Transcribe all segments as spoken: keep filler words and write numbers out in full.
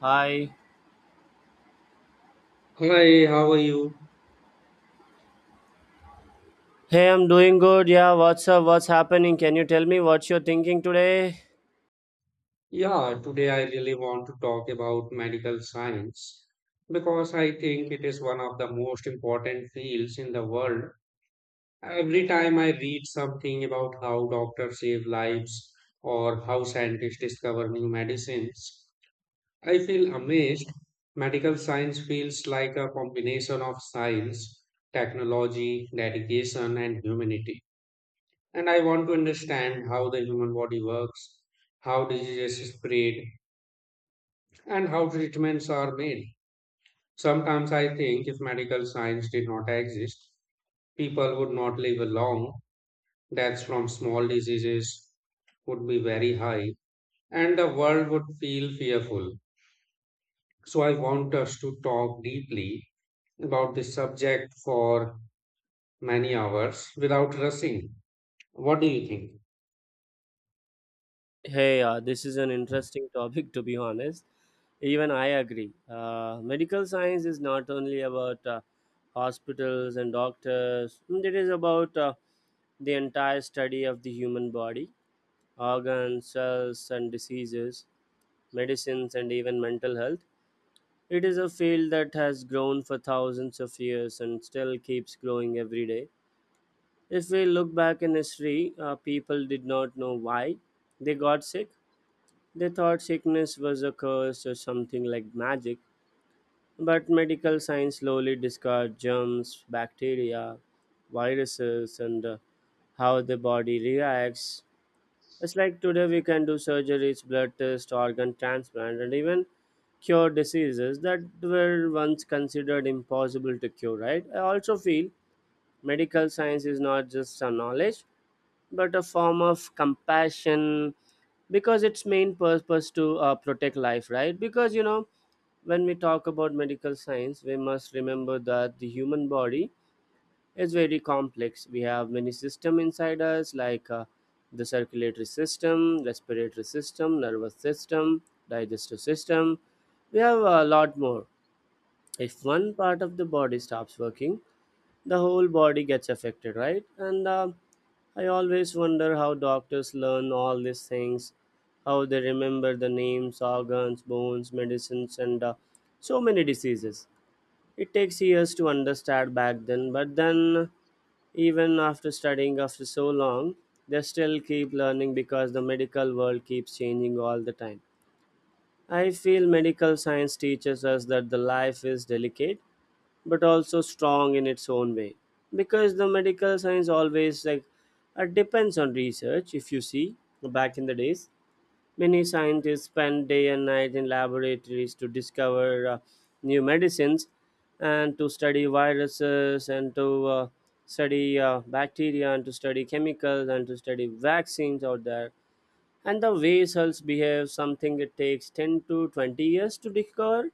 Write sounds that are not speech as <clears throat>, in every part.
Hi. Hi, how are you? Hey, I'm doing good. Yeah, what's up? What's happening? Can you tell me what you're thinking today? Yeah, today I really want to talk about medical science because I think it is one of the most important fields in the world. Every time I read something about how doctors save lives or how scientists discover new medicines, I feel amazed. Medical science feels like a combination of science, technology, dedication, and humanity. And I want to understand how the human body works, how diseases spread, and how treatments are made. Sometimes I think if medical science did not exist, people would not live long. Deaths from small diseases would be very high, and the world would feel fearful. So I want us to talk deeply about this subject for many hours without rushing. What do you think? Hey, uh, this is an interesting topic, to be honest. Even I agree. Uh, medical science is not only about uh, hospitals and doctors. Mm, it is about uh, the entire study of the human body, organs, cells, and diseases, medicines, and even mental health. It is a field that has grown for thousands of years and still keeps growing every day. If we look back in history, uh, people did not know why they got sick. They thought sickness was a curse or something like magic, but medical science slowly discovered germs, bacteria, viruses, and uh, how the body reacts. It's like today we can do surgeries, blood tests, organ transplant, and even cure diseases that were once considered impossible to cure, right? I also feel medical science is not just a knowledge but a form of compassion because its main purpose to uh, protect life, right? Because you know when we talk about medical science, we must remember that the human body is very complex. We have many system inside us, like uh, the circulatory system, respiratory system, nervous system, digestive system. We have a lot more. If one part of the body stops working, the whole body gets affected, right? And uh, I always wonder how doctors learn all these things, how they remember the names, organs, bones, medicines, and uh, so many diseases. It takes years to understand back then, but then, even after studying after so long, they still keep learning because the medical world keeps changing all the time. I feel medical science teaches us that the life is delicate but also strong in its own way, because the medical science always, like uh, depends on research. If you see, back in the days, many scientists spent day and night in laboratories to discover uh, new medicines and to study viruses, and to uh, study uh, bacteria, and to study chemicals, and to study vaccines out there, and the way cells behave. Something, it takes ten to twenty years to discover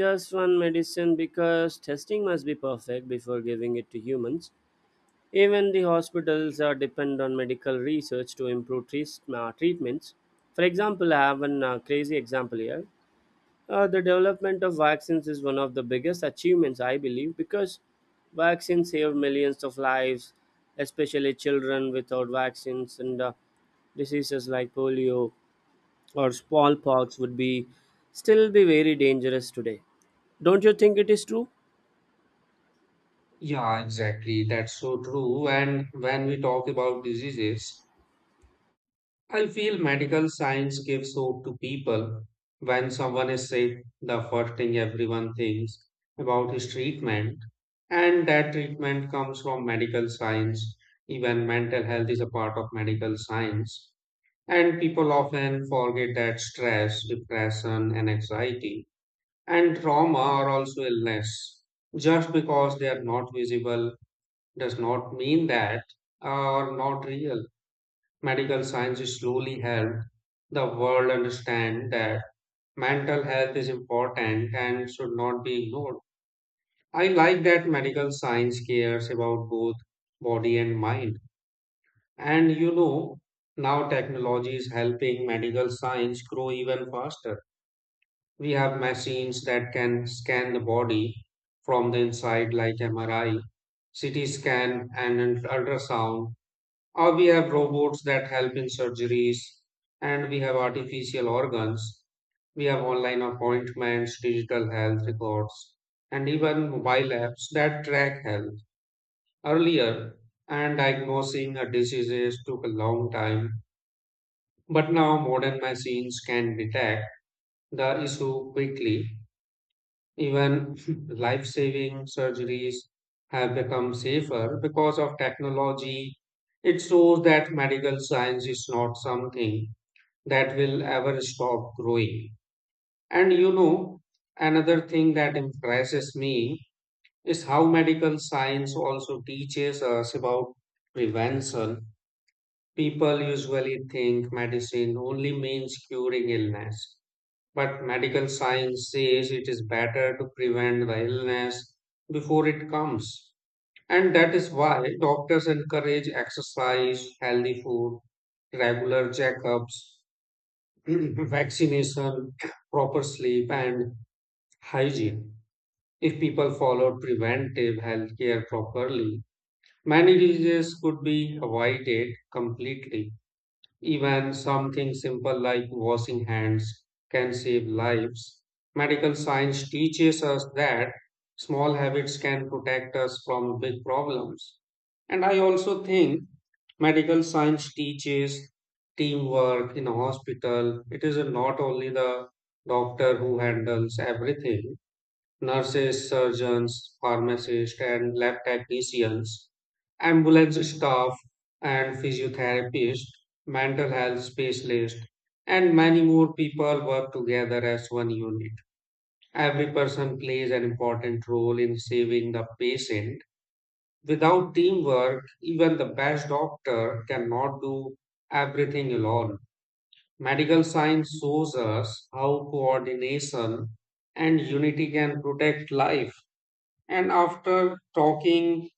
just one medicine because testing must be perfect before giving it to humans. Even the hospitals are depend on medical research to improve treat- uh, treatments. For example, I have one uh, crazy example here. Uh, the development of vaccines is one of the biggest achievements, I believe, because vaccines save millions of lives, especially children. Without vaccines and uh, diseases like polio or smallpox would be still be very dangerous today. Don't you think it is true? Yeah, exactly. That's so true. And when we talk about diseases, I feel medical science gives hope to people. When someone is sick, the first thing everyone thinks about is treatment, and that treatment comes from medical science. Even mental health is a part of medical science. And people often forget that stress, depression, and anxiety, and trauma are also illness. Just because they are not visible does not mean that are not real. Medical science slowly helped the world understand that mental health is important and should not be ignored. I like that medical science cares about both body and mind. And you know, now technology is helping medical science grow even faster. We have machines that can scan the body from the inside, like M R I, C T scan, and ultrasound. Or we have robots that help in surgeries, and we have artificial organs. We have online appointments, digital health records, and even mobile apps that track health. Earlier, and diagnosing a diseases took a long time, but now modern machines can detect the issue quickly. Even <laughs> life saving surgeries have become safer because of technology. It shows that medical science is not something that will ever stop growing. And you know, another thing that impresses me is how medical science also teaches us about prevention. People usually think medicine only means curing illness, but medical science says it is better to prevent the illness before it comes. And that is why doctors encourage exercise, healthy food, regular checkups, <clears throat> vaccination, proper sleep, and hygiene. If people followed preventive health care properly, many diseases could be avoided completely. Even something simple like washing hands can save lives. Medical science teaches us that small habits can protect us from big problems. And I also think medical science teaches teamwork in a hospital. It is not only the doctor who handles everything, nurses, surgeons, pharmacists, and lab technicians, ambulance staff and physiotherapists, mental health specialists, and many more people work together as one unit. Every person plays an important role in saving the patient. Without teamwork, even the best doctor cannot do everything alone. Medical science shows us how coordination and unity can protect life. And after talking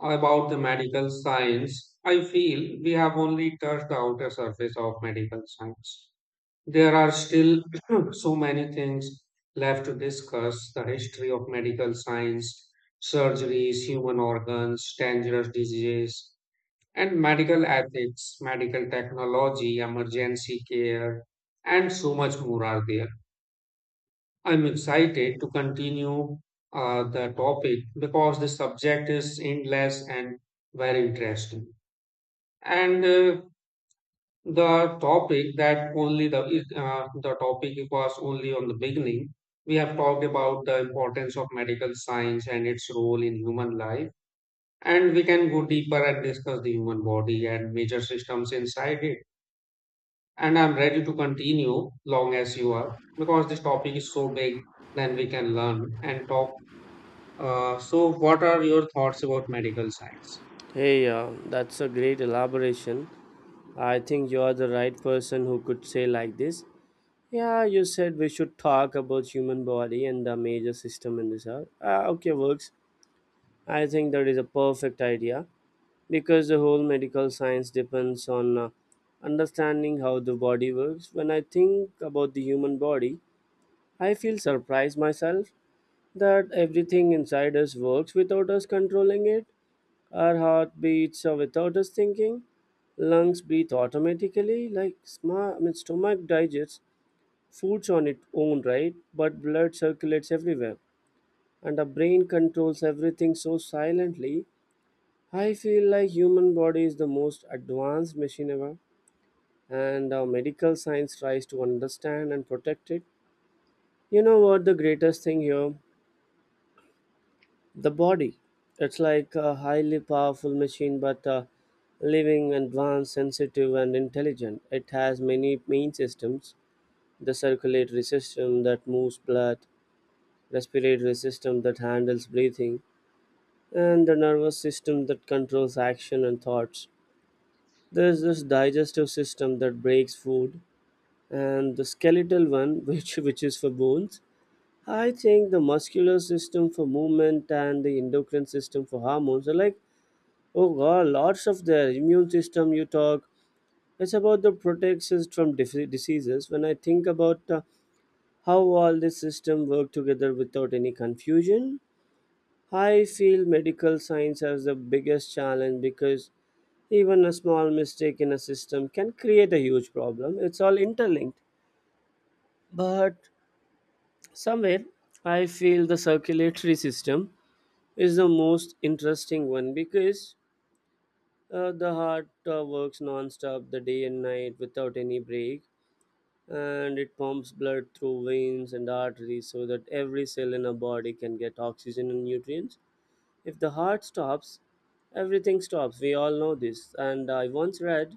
about the medical science, I feel we have only touched the outer surface of medical science. There are still <clears throat> so many things left to discuss the history of medical science, surgeries, human organs, dangerous diseases, and medical ethics, medical technology, emergency care, and so much more are there. I'm excited to continue uh, the topic because the subject is endless and very interesting. And uh, the topic that only the uh, The topic was only on the beginning. We have talked about the importance of medical science and its role in human life, and we can go deeper and discuss the human body and major systems inside it. And I'm ready to continue long as you are because this topic is so big. Then we can learn and talk. Uh, so, what are your thoughts about medical science? Hey, uh, that's a great elaboration. I think you are the right person who could say like this. Yeah, you said we should talk about human body and the major system in this hour. Ah, okay, works. I think that is a perfect idea because the whole medical science depends on uh, understanding how the body works. When I think about the human body, I feel surprised myself that everything inside us works without us controlling it. Our heart beats uh, without us thinking. Lungs breathe automatically, like sma- I mean, stomach digests foods on its own, right? But blood circulates everywhere, and the brain controls everything so silently. I feel like human body is the most advanced machine ever, and uh, medical science tries to understand and protect it. You know what the greatest thing here? The body, it's like a highly powerful machine, but uh, living, advanced, sensitive, and intelligent. It has many main systems: the circulatory system that moves blood, respiratory system that handles breathing, and the nervous system that controls action and thoughts. There's this digestive system that breaks food, and the skeletal one, <laughs> which, which is for bones. I think the muscular system for movement and the endocrine system for hormones are like, oh God, lots of their immune system you talk. It's about the protections from dif- diseases. When I think about uh, how all this system work together without any confusion, I feel medical science has the biggest challenge because even a small mistake in a system can create a huge problem. It's all interlinked. But somewhere, I feel the circulatory system is the most interesting one because Uh, the heart uh, works non-stop the day and night without any break, and it pumps blood through veins and arteries so that every cell in a body can get oxygen and nutrients. If the heart stops, everything stops. We all know this. And I once read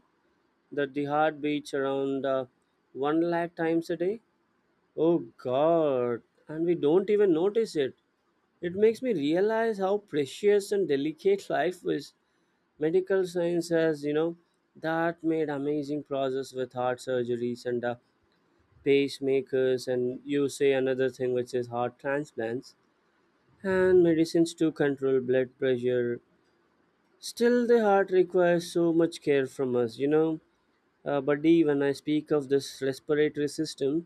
that the heart beats around uh, one lakh times a day. Oh God, and we don't even notice it. It makes me realize how precious and delicate <laughs> life is. Medical science has, you know, that made amazing progress with heart surgeries and uh, pacemakers, and you say another thing which is heart transplants and medicines to control blood pressure. Still, the heart requires so much care from us you know uh, Buddy, when I speak of this respiratory system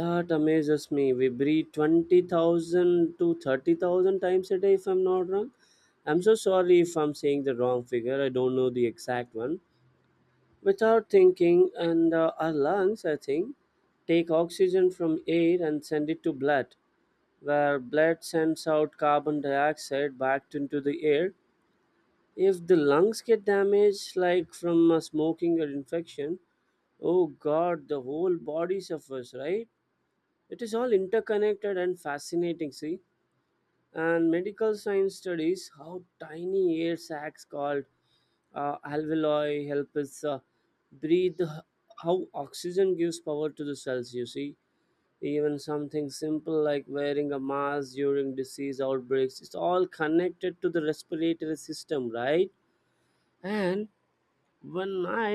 that amazes me, we breathe twenty thousand to thirty thousand times a day, if I'm not wrong. I'm so sorry if I'm saying the wrong figure, I don't know the exact one. Without thinking, and uh, our lungs, I think, take oxygen from air and send it to blood, where blood sends out carbon dioxide back into the air. If the lungs get damaged, like from uh, smoking or infection, oh God, the whole body suffers, right? It is all interconnected and fascinating, see. And medical science studies how tiny air sacs called uh, alveoli help us uh, breathe, h- how oxygen gives power to the cells, you see. Even something simple like wearing a mask during disease outbreaks, it's all connected to the respiratory system, right? And when I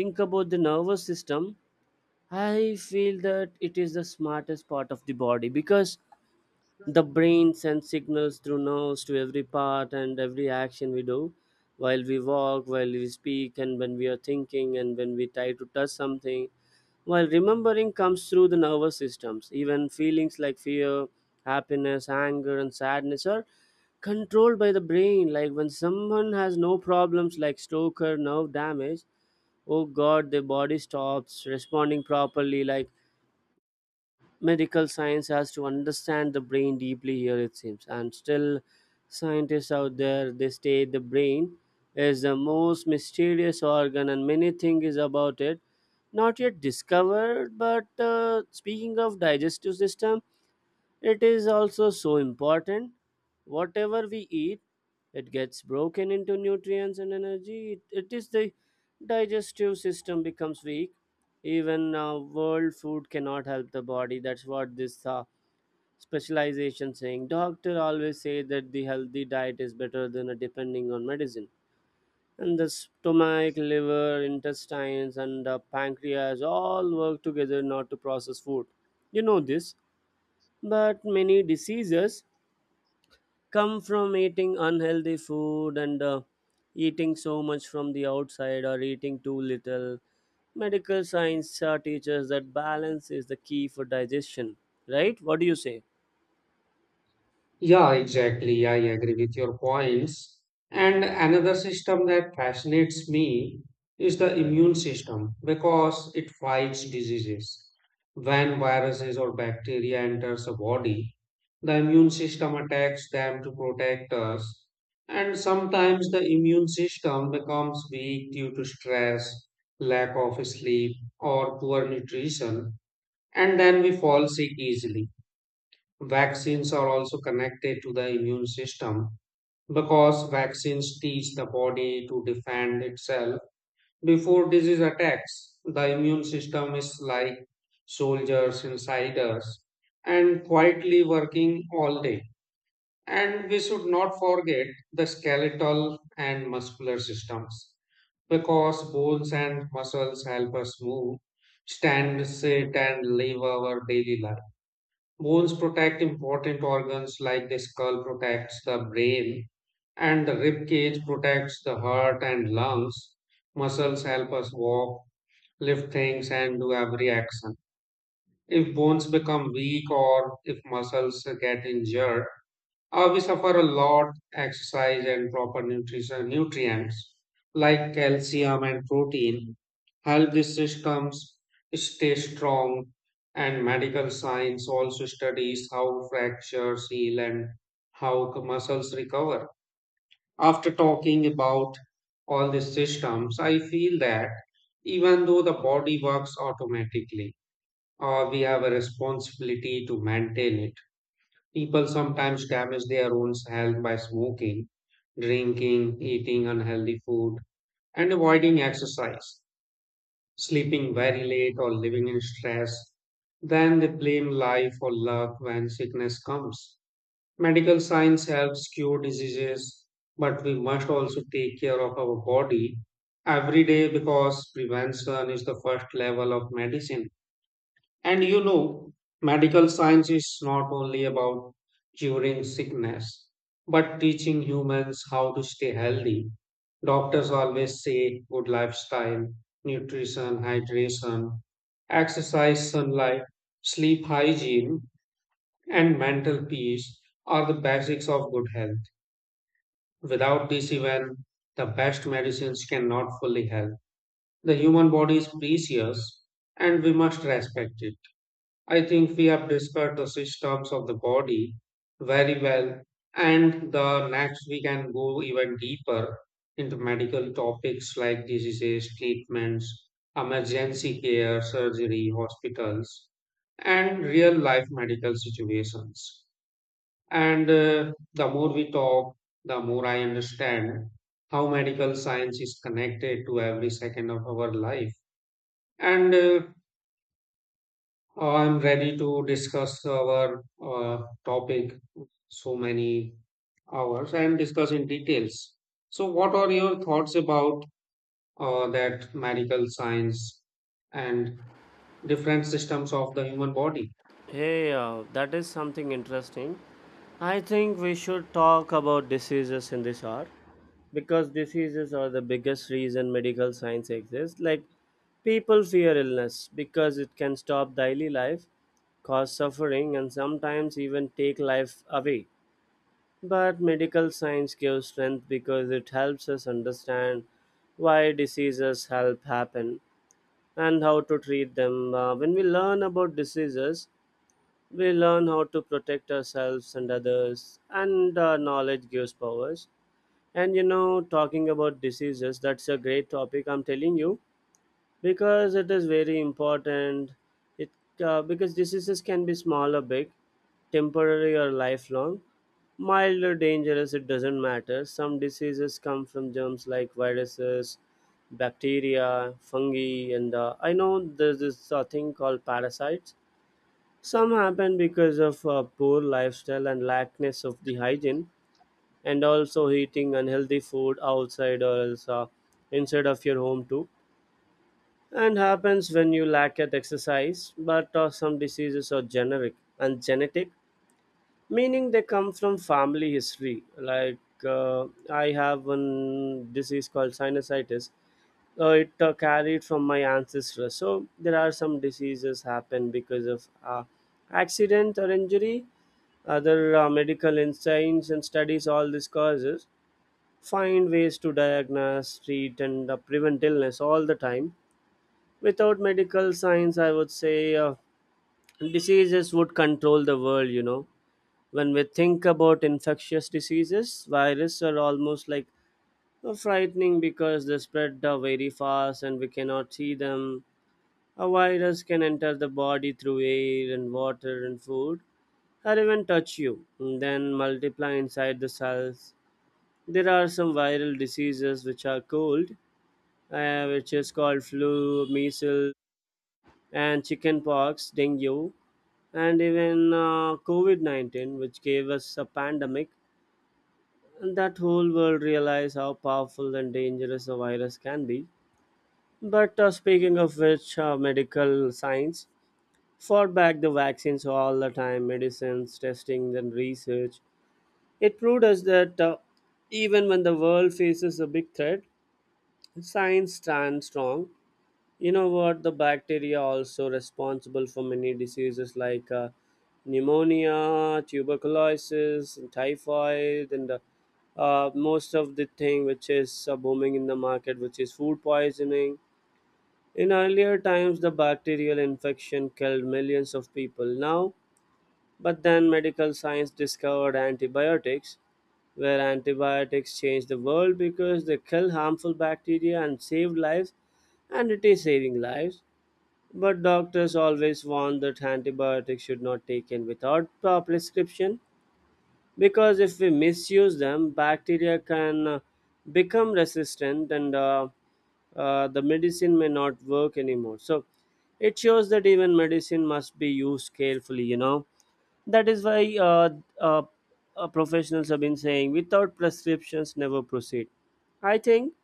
think about the nervous system, I feel that it is the smartest part of the body because the brain sends signals through nerves to every part, and every action we do, while we walk, while we speak, and when we are thinking, and when we try to touch something, while remembering, comes through the nervous systems. Even feelings like fear, happiness, anger, and sadness are controlled by the brain. Like, when someone has no problems like stroke or nerve damage, oh God, their body stops responding properly. Like, medical science has to understand the brain deeply here, it seems. And still, scientists out there, they state the brain is the most mysterious organ, and many things is about it not yet discovered. But uh, speaking of digestive system, it is also so important. Whatever we eat, it gets broken into nutrients and energy. It, it is the digestive system becomes weak. Even uh, world food cannot help the body. That's what this uh, specialization saying. Doctor always say that the healthy diet is better than a depending on medicine. And the stomach, liver, intestines, and uh, pancreas all work together not to process food. You know this, but many diseases come from eating unhealthy food and uh, eating so much from the outside or eating too little. Medical science uh, teaches that balance is the key for digestion, right? What do you say? Yeah, exactly. I agree with your points. And another system that fascinates me is the immune system because it fights diseases. When viruses or bacteria enters a body, the immune system attacks them to protect us. And sometimes the immune system becomes weak due to stress, lack of sleep, or poor nutrition, and then we fall sick easily. Vaccines are also connected to the immune system because vaccines teach the body to defend itself before disease attacks. The immune system is like soldiers inside us and quietly working all day. And we should not forget the skeletal and muscular systems because bones and muscles help us move, stand, sit, and live our daily life. Bones protect important organs like the skull protects the brain and the rib cage protects the heart and lungs. Muscles help us walk, lift things and do every action. If bones become weak or if muscles get injured, uh, we suffer a lot. Exercise and proper nutrition nutrients like calcium and protein help these systems stay strong. And medical science also studies how fractures heal and how the muscles recover. After talking about all these systems I feel that even though the body works automatically, uh, we have a responsibility to maintain it. People sometimes damage their own health by smoking, drinking, eating unhealthy food, and avoiding exercise, sleeping very late, or living in stress. Then they blame life or luck when sickness comes. Medical science helps cure diseases, but we must also take care of our body every day because prevention is the first level of medicine. And you know, medical science is not only about curing sickness, but teaching humans how to stay healthy. Doctors always say good lifestyle, nutrition, hydration, exercise, sunlight, sleep hygiene, and mental peace are the basics of good health. Without this, even the best medicines cannot fully help. The human body is precious and we must respect it. I think we have discussed the systems of the body very well, and the next we can go even deeper into medical topics like diseases, treatments, emergency care, surgery, hospitals, and real life medical situations. And uh, The more we talk, the more I understand how medical science is connected to every second of our life. And uh, I'm ready to discuss our uh, topic so many hours and discuss in details. So, what are your thoughts about uh, that medical science and different systems of the human body? Hey, uh, that is something interesting. I think we should talk about diseases in this hour, because diseases are the biggest reason medical science exists. Like, people fear illness because it can stop daily life, cause suffering, and sometimes even take life away. But medical science gives strength because it helps us understand why diseases help happen and how to treat them. Uh, when we learn about diseases, we learn how to protect ourselves and others, and uh, knowledge gives powers. And you know, talking about diseases, that's a great topic, I'm telling you, because it is very important. It uh, Because diseases can be small or big, temporary or lifelong, mild or dangerous, it doesn't matter. Some diseases come from germs like viruses, bacteria, fungi, and uh, I know there's this uh, thing called parasites. Some happen because of uh, poor lifestyle and lackness of the hygiene, and also eating unhealthy food outside or else uh, inside of your home too, and happens when you lack at exercise. But uh, some diseases are generic and genetic, meaning they come from family history. Like, uh, I have one disease called sinusitis. Uh, it uh, carried from my ancestors. So there are some diseases happen because of uh, accident or injury. Other uh, medical insights and studies all these causes, find ways to diagnose, treat, and uh, prevent illness all the time. Without medical science, I would say uh, diseases would control the world, you know. When we think about infectious diseases, viruses are almost like uh, frightening because they spread uh, very fast, and we cannot see them. A virus can enter the body through air and water and food, or even touch you, and then multiply inside the cells. There are some viral diseases which are cold uh, which is called flu, measles, and chickenpox, dengue, and even uh, COVID nineteen, which gave us a pandemic. And that whole world realized how powerful and dangerous a virus can be. But uh, speaking of which, uh, medical science fought back the vaccines all the time, medicines, testing, and research. It proved us that uh, even when the world faces a big threat, science stands strong. You know what, the bacteria also responsible for many diseases like uh, pneumonia, tuberculosis, and typhoid, and uh, uh, most of the thing which is uh, booming in the market which is food poisoning. In earlier times the bacterial infection killed millions of people now, but then medical science discovered antibiotics, where antibiotics changed the world because they kill harmful bacteria and saved lives, and it is saving lives. But doctors always warn that antibiotics should not be taken without a prescription, because if we misuse them, bacteria can uh, become resistant, and uh, uh, the medicine may not work anymore. So it shows that even medicine must be used carefully. You know, that is why uh, uh, uh, professionals have been saying without prescriptions never proceed. I think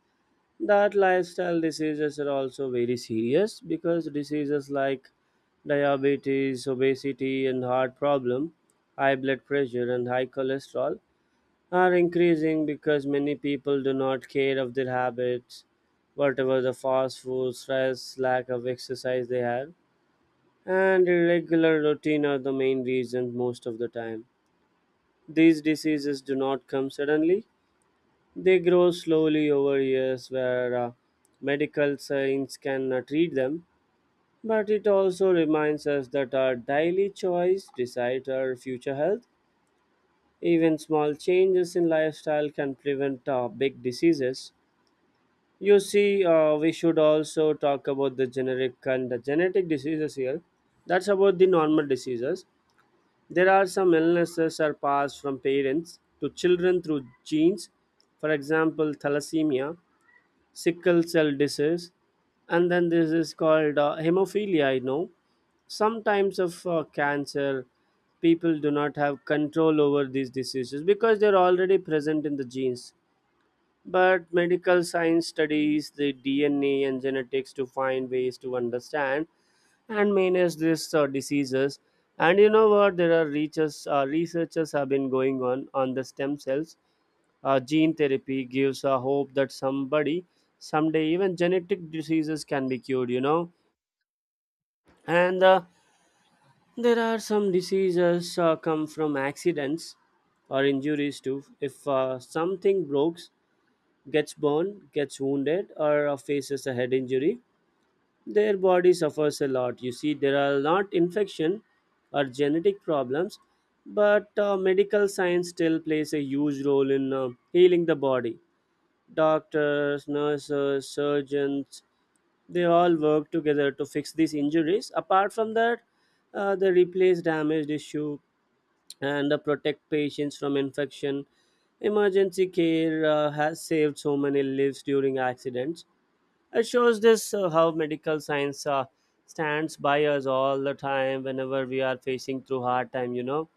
that lifestyle diseases are also very serious because diseases like diabetes, obesity, and heart problem, high blood pressure, and high cholesterol are increasing because many people do not care of their habits. Whatever the fast food, stress, lack of exercise they have, and irregular routine are the main reasons. Most of the time these diseases do not come suddenly, they grow slowly over years, where uh, medical science can uh, treat them, but it also reminds us that our daily choice decide our future health. Even small changes in lifestyle can prevent uh, big diseases. You see, uh, we should also talk about the generic and the genetic diseases here. That's about the normal diseases. There are some illnesses are passed from parents to children through genes. For example, thalassemia, sickle cell disease, and then this is called uh, hemophilia. I know some types of uh, cancer, people do not have control over these diseases because they're already present in the genes. But medical science studies the D N A and genetics to find ways to understand and manage these uh, diseases. And you know what? There are researchers, uh, researchers have been going on on the stem cells, uh, gene therapy gives a hope that somebody, someday, even genetic diseases can be cured, you know. And uh, there are some diseases uh, come from accidents or injuries too. If uh, something breaks, gets burned, gets wounded, or uh, faces a head injury, their body suffers a lot. You see, there are not infection or genetic problems, but uh, medical science still plays a huge role in uh, healing the body. Doctors, nurses, surgeons, they all work together to fix these injuries. Apart from that, uh, they replace damaged tissue and uh, protect patients from infection. Emergency care uh, has saved so many lives during accidents. It shows this uh, how medical science uh, stands by us all the time whenever we are facing through hard time. You know,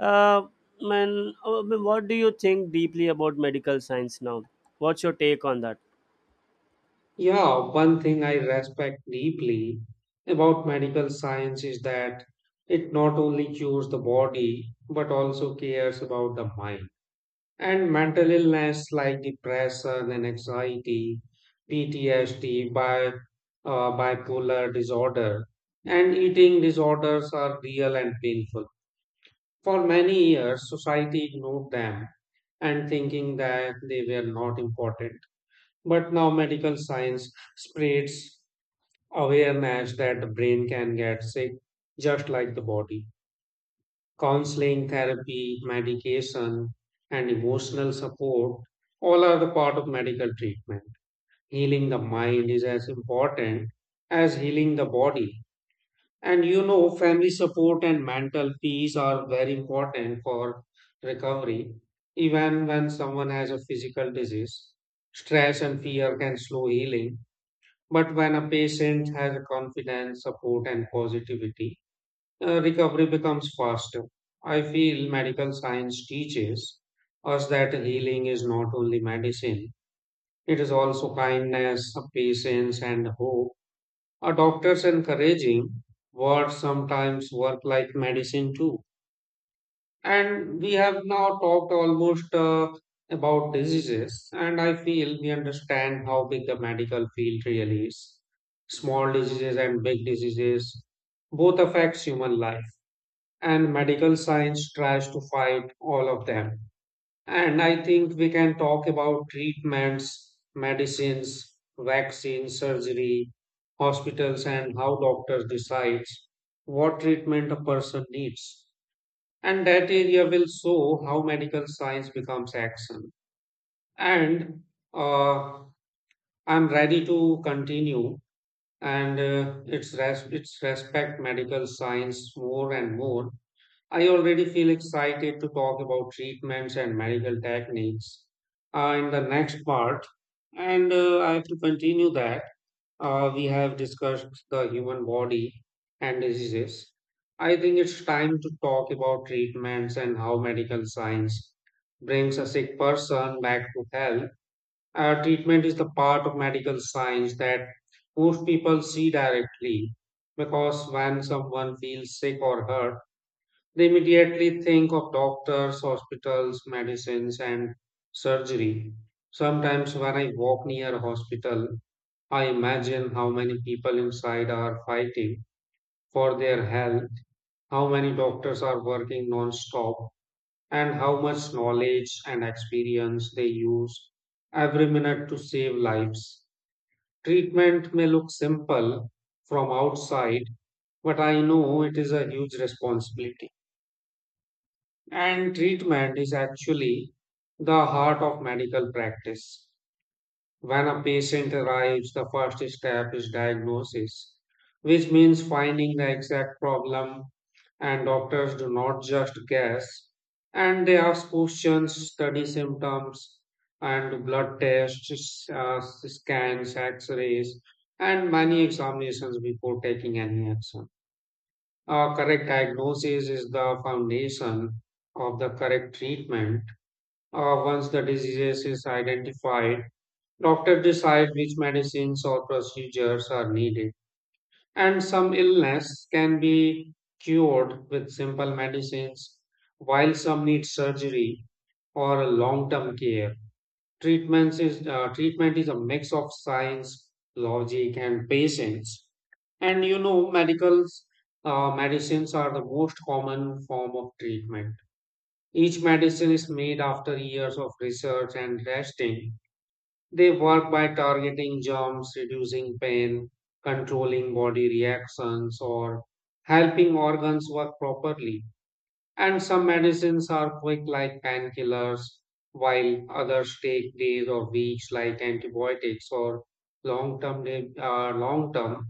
uh, man, uh, what do you think deeply about medical science now? What's your take on that? Yeah, one thing I respect deeply about medical science is that it not only cures the body but also cares about the mind. And mental illness like depression and anxiety, P T S D, bi, uh, bipolar disorder, and eating disorders are real and painful. For many years, society ignored them and thinking that they were not important. But now medical science spreads awareness that the brain can get sick just like the body. Counseling, therapy, medication, and emotional support all are the part of medical treatment. Healing the mind is as important as healing the body. And you know, family support and mental peace are very important for recovery. Even when someone has a physical disease, stress and fear can slow healing. But when a patient has confidence, support, and positivity, uh, recovery becomes faster. I feel medical science teaches us that healing is not only medicine, it is also kindness, patience, and hope. A doctor's encouraging words sometimes work like medicine too. And we have now talked almost uh, about diseases, and I feel we understand how big the medical field really is. Small diseases and big diseases both affects human life and medical science tries to fight all of them. And I think we can talk about treatments, medicines, vaccines, surgery, hospitals, and how doctors decides what treatment a person needs. And that area will show how medical science becomes action. And uh, I'm ready to continue. And uh, it's res- it's respect medical science more and more. I already feel excited to talk about treatments and medical techniques uh, in the next part. And uh, I have to continue that. Uh, we have discussed the human body and diseases. I think it's time to talk about treatments and how medical science brings a sick person back to health. Uh, treatment is the part of medical science that most people see directly because when someone feels sick or hurt, they immediately think of doctors, hospitals, medicines, and surgery. Sometimes, when I walk near a hospital, I imagine how many people inside are fighting for their health, how many doctors are working non stop, and how much knowledge and experience they use every minute to save lives. Treatment may look simple from outside, but I know it is a huge responsibility. And treatment is actually the heart of medical practice. When a patient arrives, the first step is diagnosis, which means finding the exact problem. And doctors do not just guess, and they ask questions, study symptoms, and blood tests, uh, scans, x rays, and many examinations before taking any action. Uh, correct diagnosis is the foundation of the correct treatment. Uh, once the disease is identified, doctors decide which medicines or procedures are needed. And some illness can be cured with simple medicines, while some need surgery or long-term care. Treatments is uh, treatment is a mix of science, logic, and patience. And you know, medicals, uh, medicines are the most common form of treatment. Each medicine is made after years of research and testing. They work by targeting germs, reducing pain, controlling body reactions, or helping organs work properly. And some medicines are quick, like painkillers, while others take days or weeks, like antibiotics or long-term, uh, long-term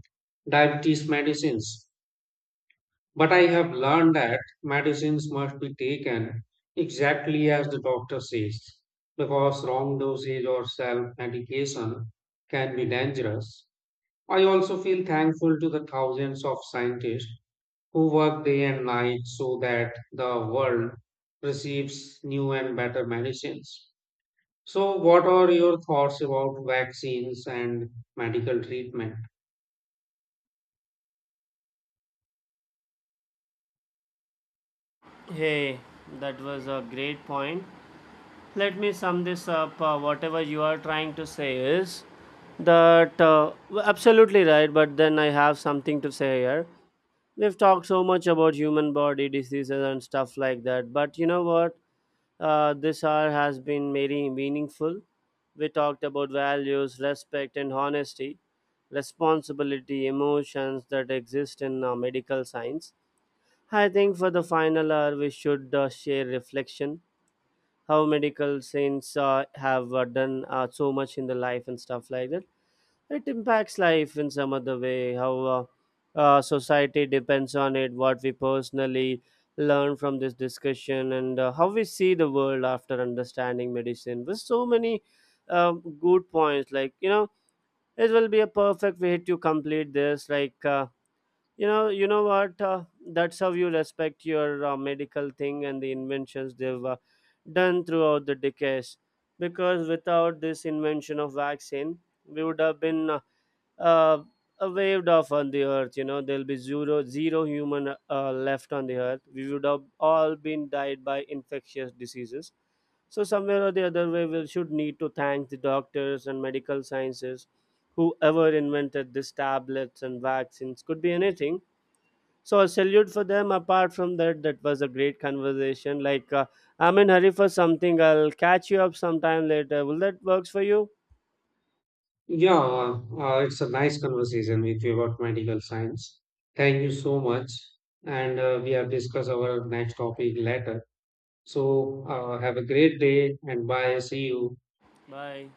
diabetes medicines. But I have learned that medicines must be taken exactly as the doctor says, because wrong dosage or self medication can be dangerous. I also feel thankful to the thousands of scientists who work day and night so that the world receives new and better medicines. So, what are your thoughts about vaccines and medical treatment? Hey, that was a great point. Let me sum this up. Uh, whatever you are trying to say is that uh, w- absolutely right, but then I have something to say here. We've talked so much about human body diseases and stuff like that, but you know what? Uh, this hour has been very meaningful. We talked about values, respect, and honesty, responsibility, emotions that exist in uh, medical science. I think for the final hour, we should uh, share reflection how medical science uh, have uh, done uh, so much in the life and stuff like that. It impacts life in some other way, how uh, uh, society depends on it, what we personally learn from this discussion, and uh, how we see the world after understanding medicine. With so many um, good points, like, you know, it will be a perfect way to complete this, like, uh, you know, you know what? Uh, that's how you respect your uh, medical thing and the inventions they've uh, done throughout the decades. Because without this invention of vaccine, we would have been uh, uh, waved off on the earth. You know, there'll be zero zero human uh, left on the earth. We would have all been died by infectious diseases. So somewhere or the other way, we should need to thank the doctors and medical sciences, whoever invented these tablets and vaccines. Could be anything, so a salute for them. Apart from that, that was a great conversation. Like, uh, I'm in hurry for something, I'll catch you up sometime later. Will that works for you? Yeah, uh, it's a nice conversation with you about medical science. Thank you so much. And uh, We have discussed our next topic later. So, uh, have a great day and bye. See you. Bye.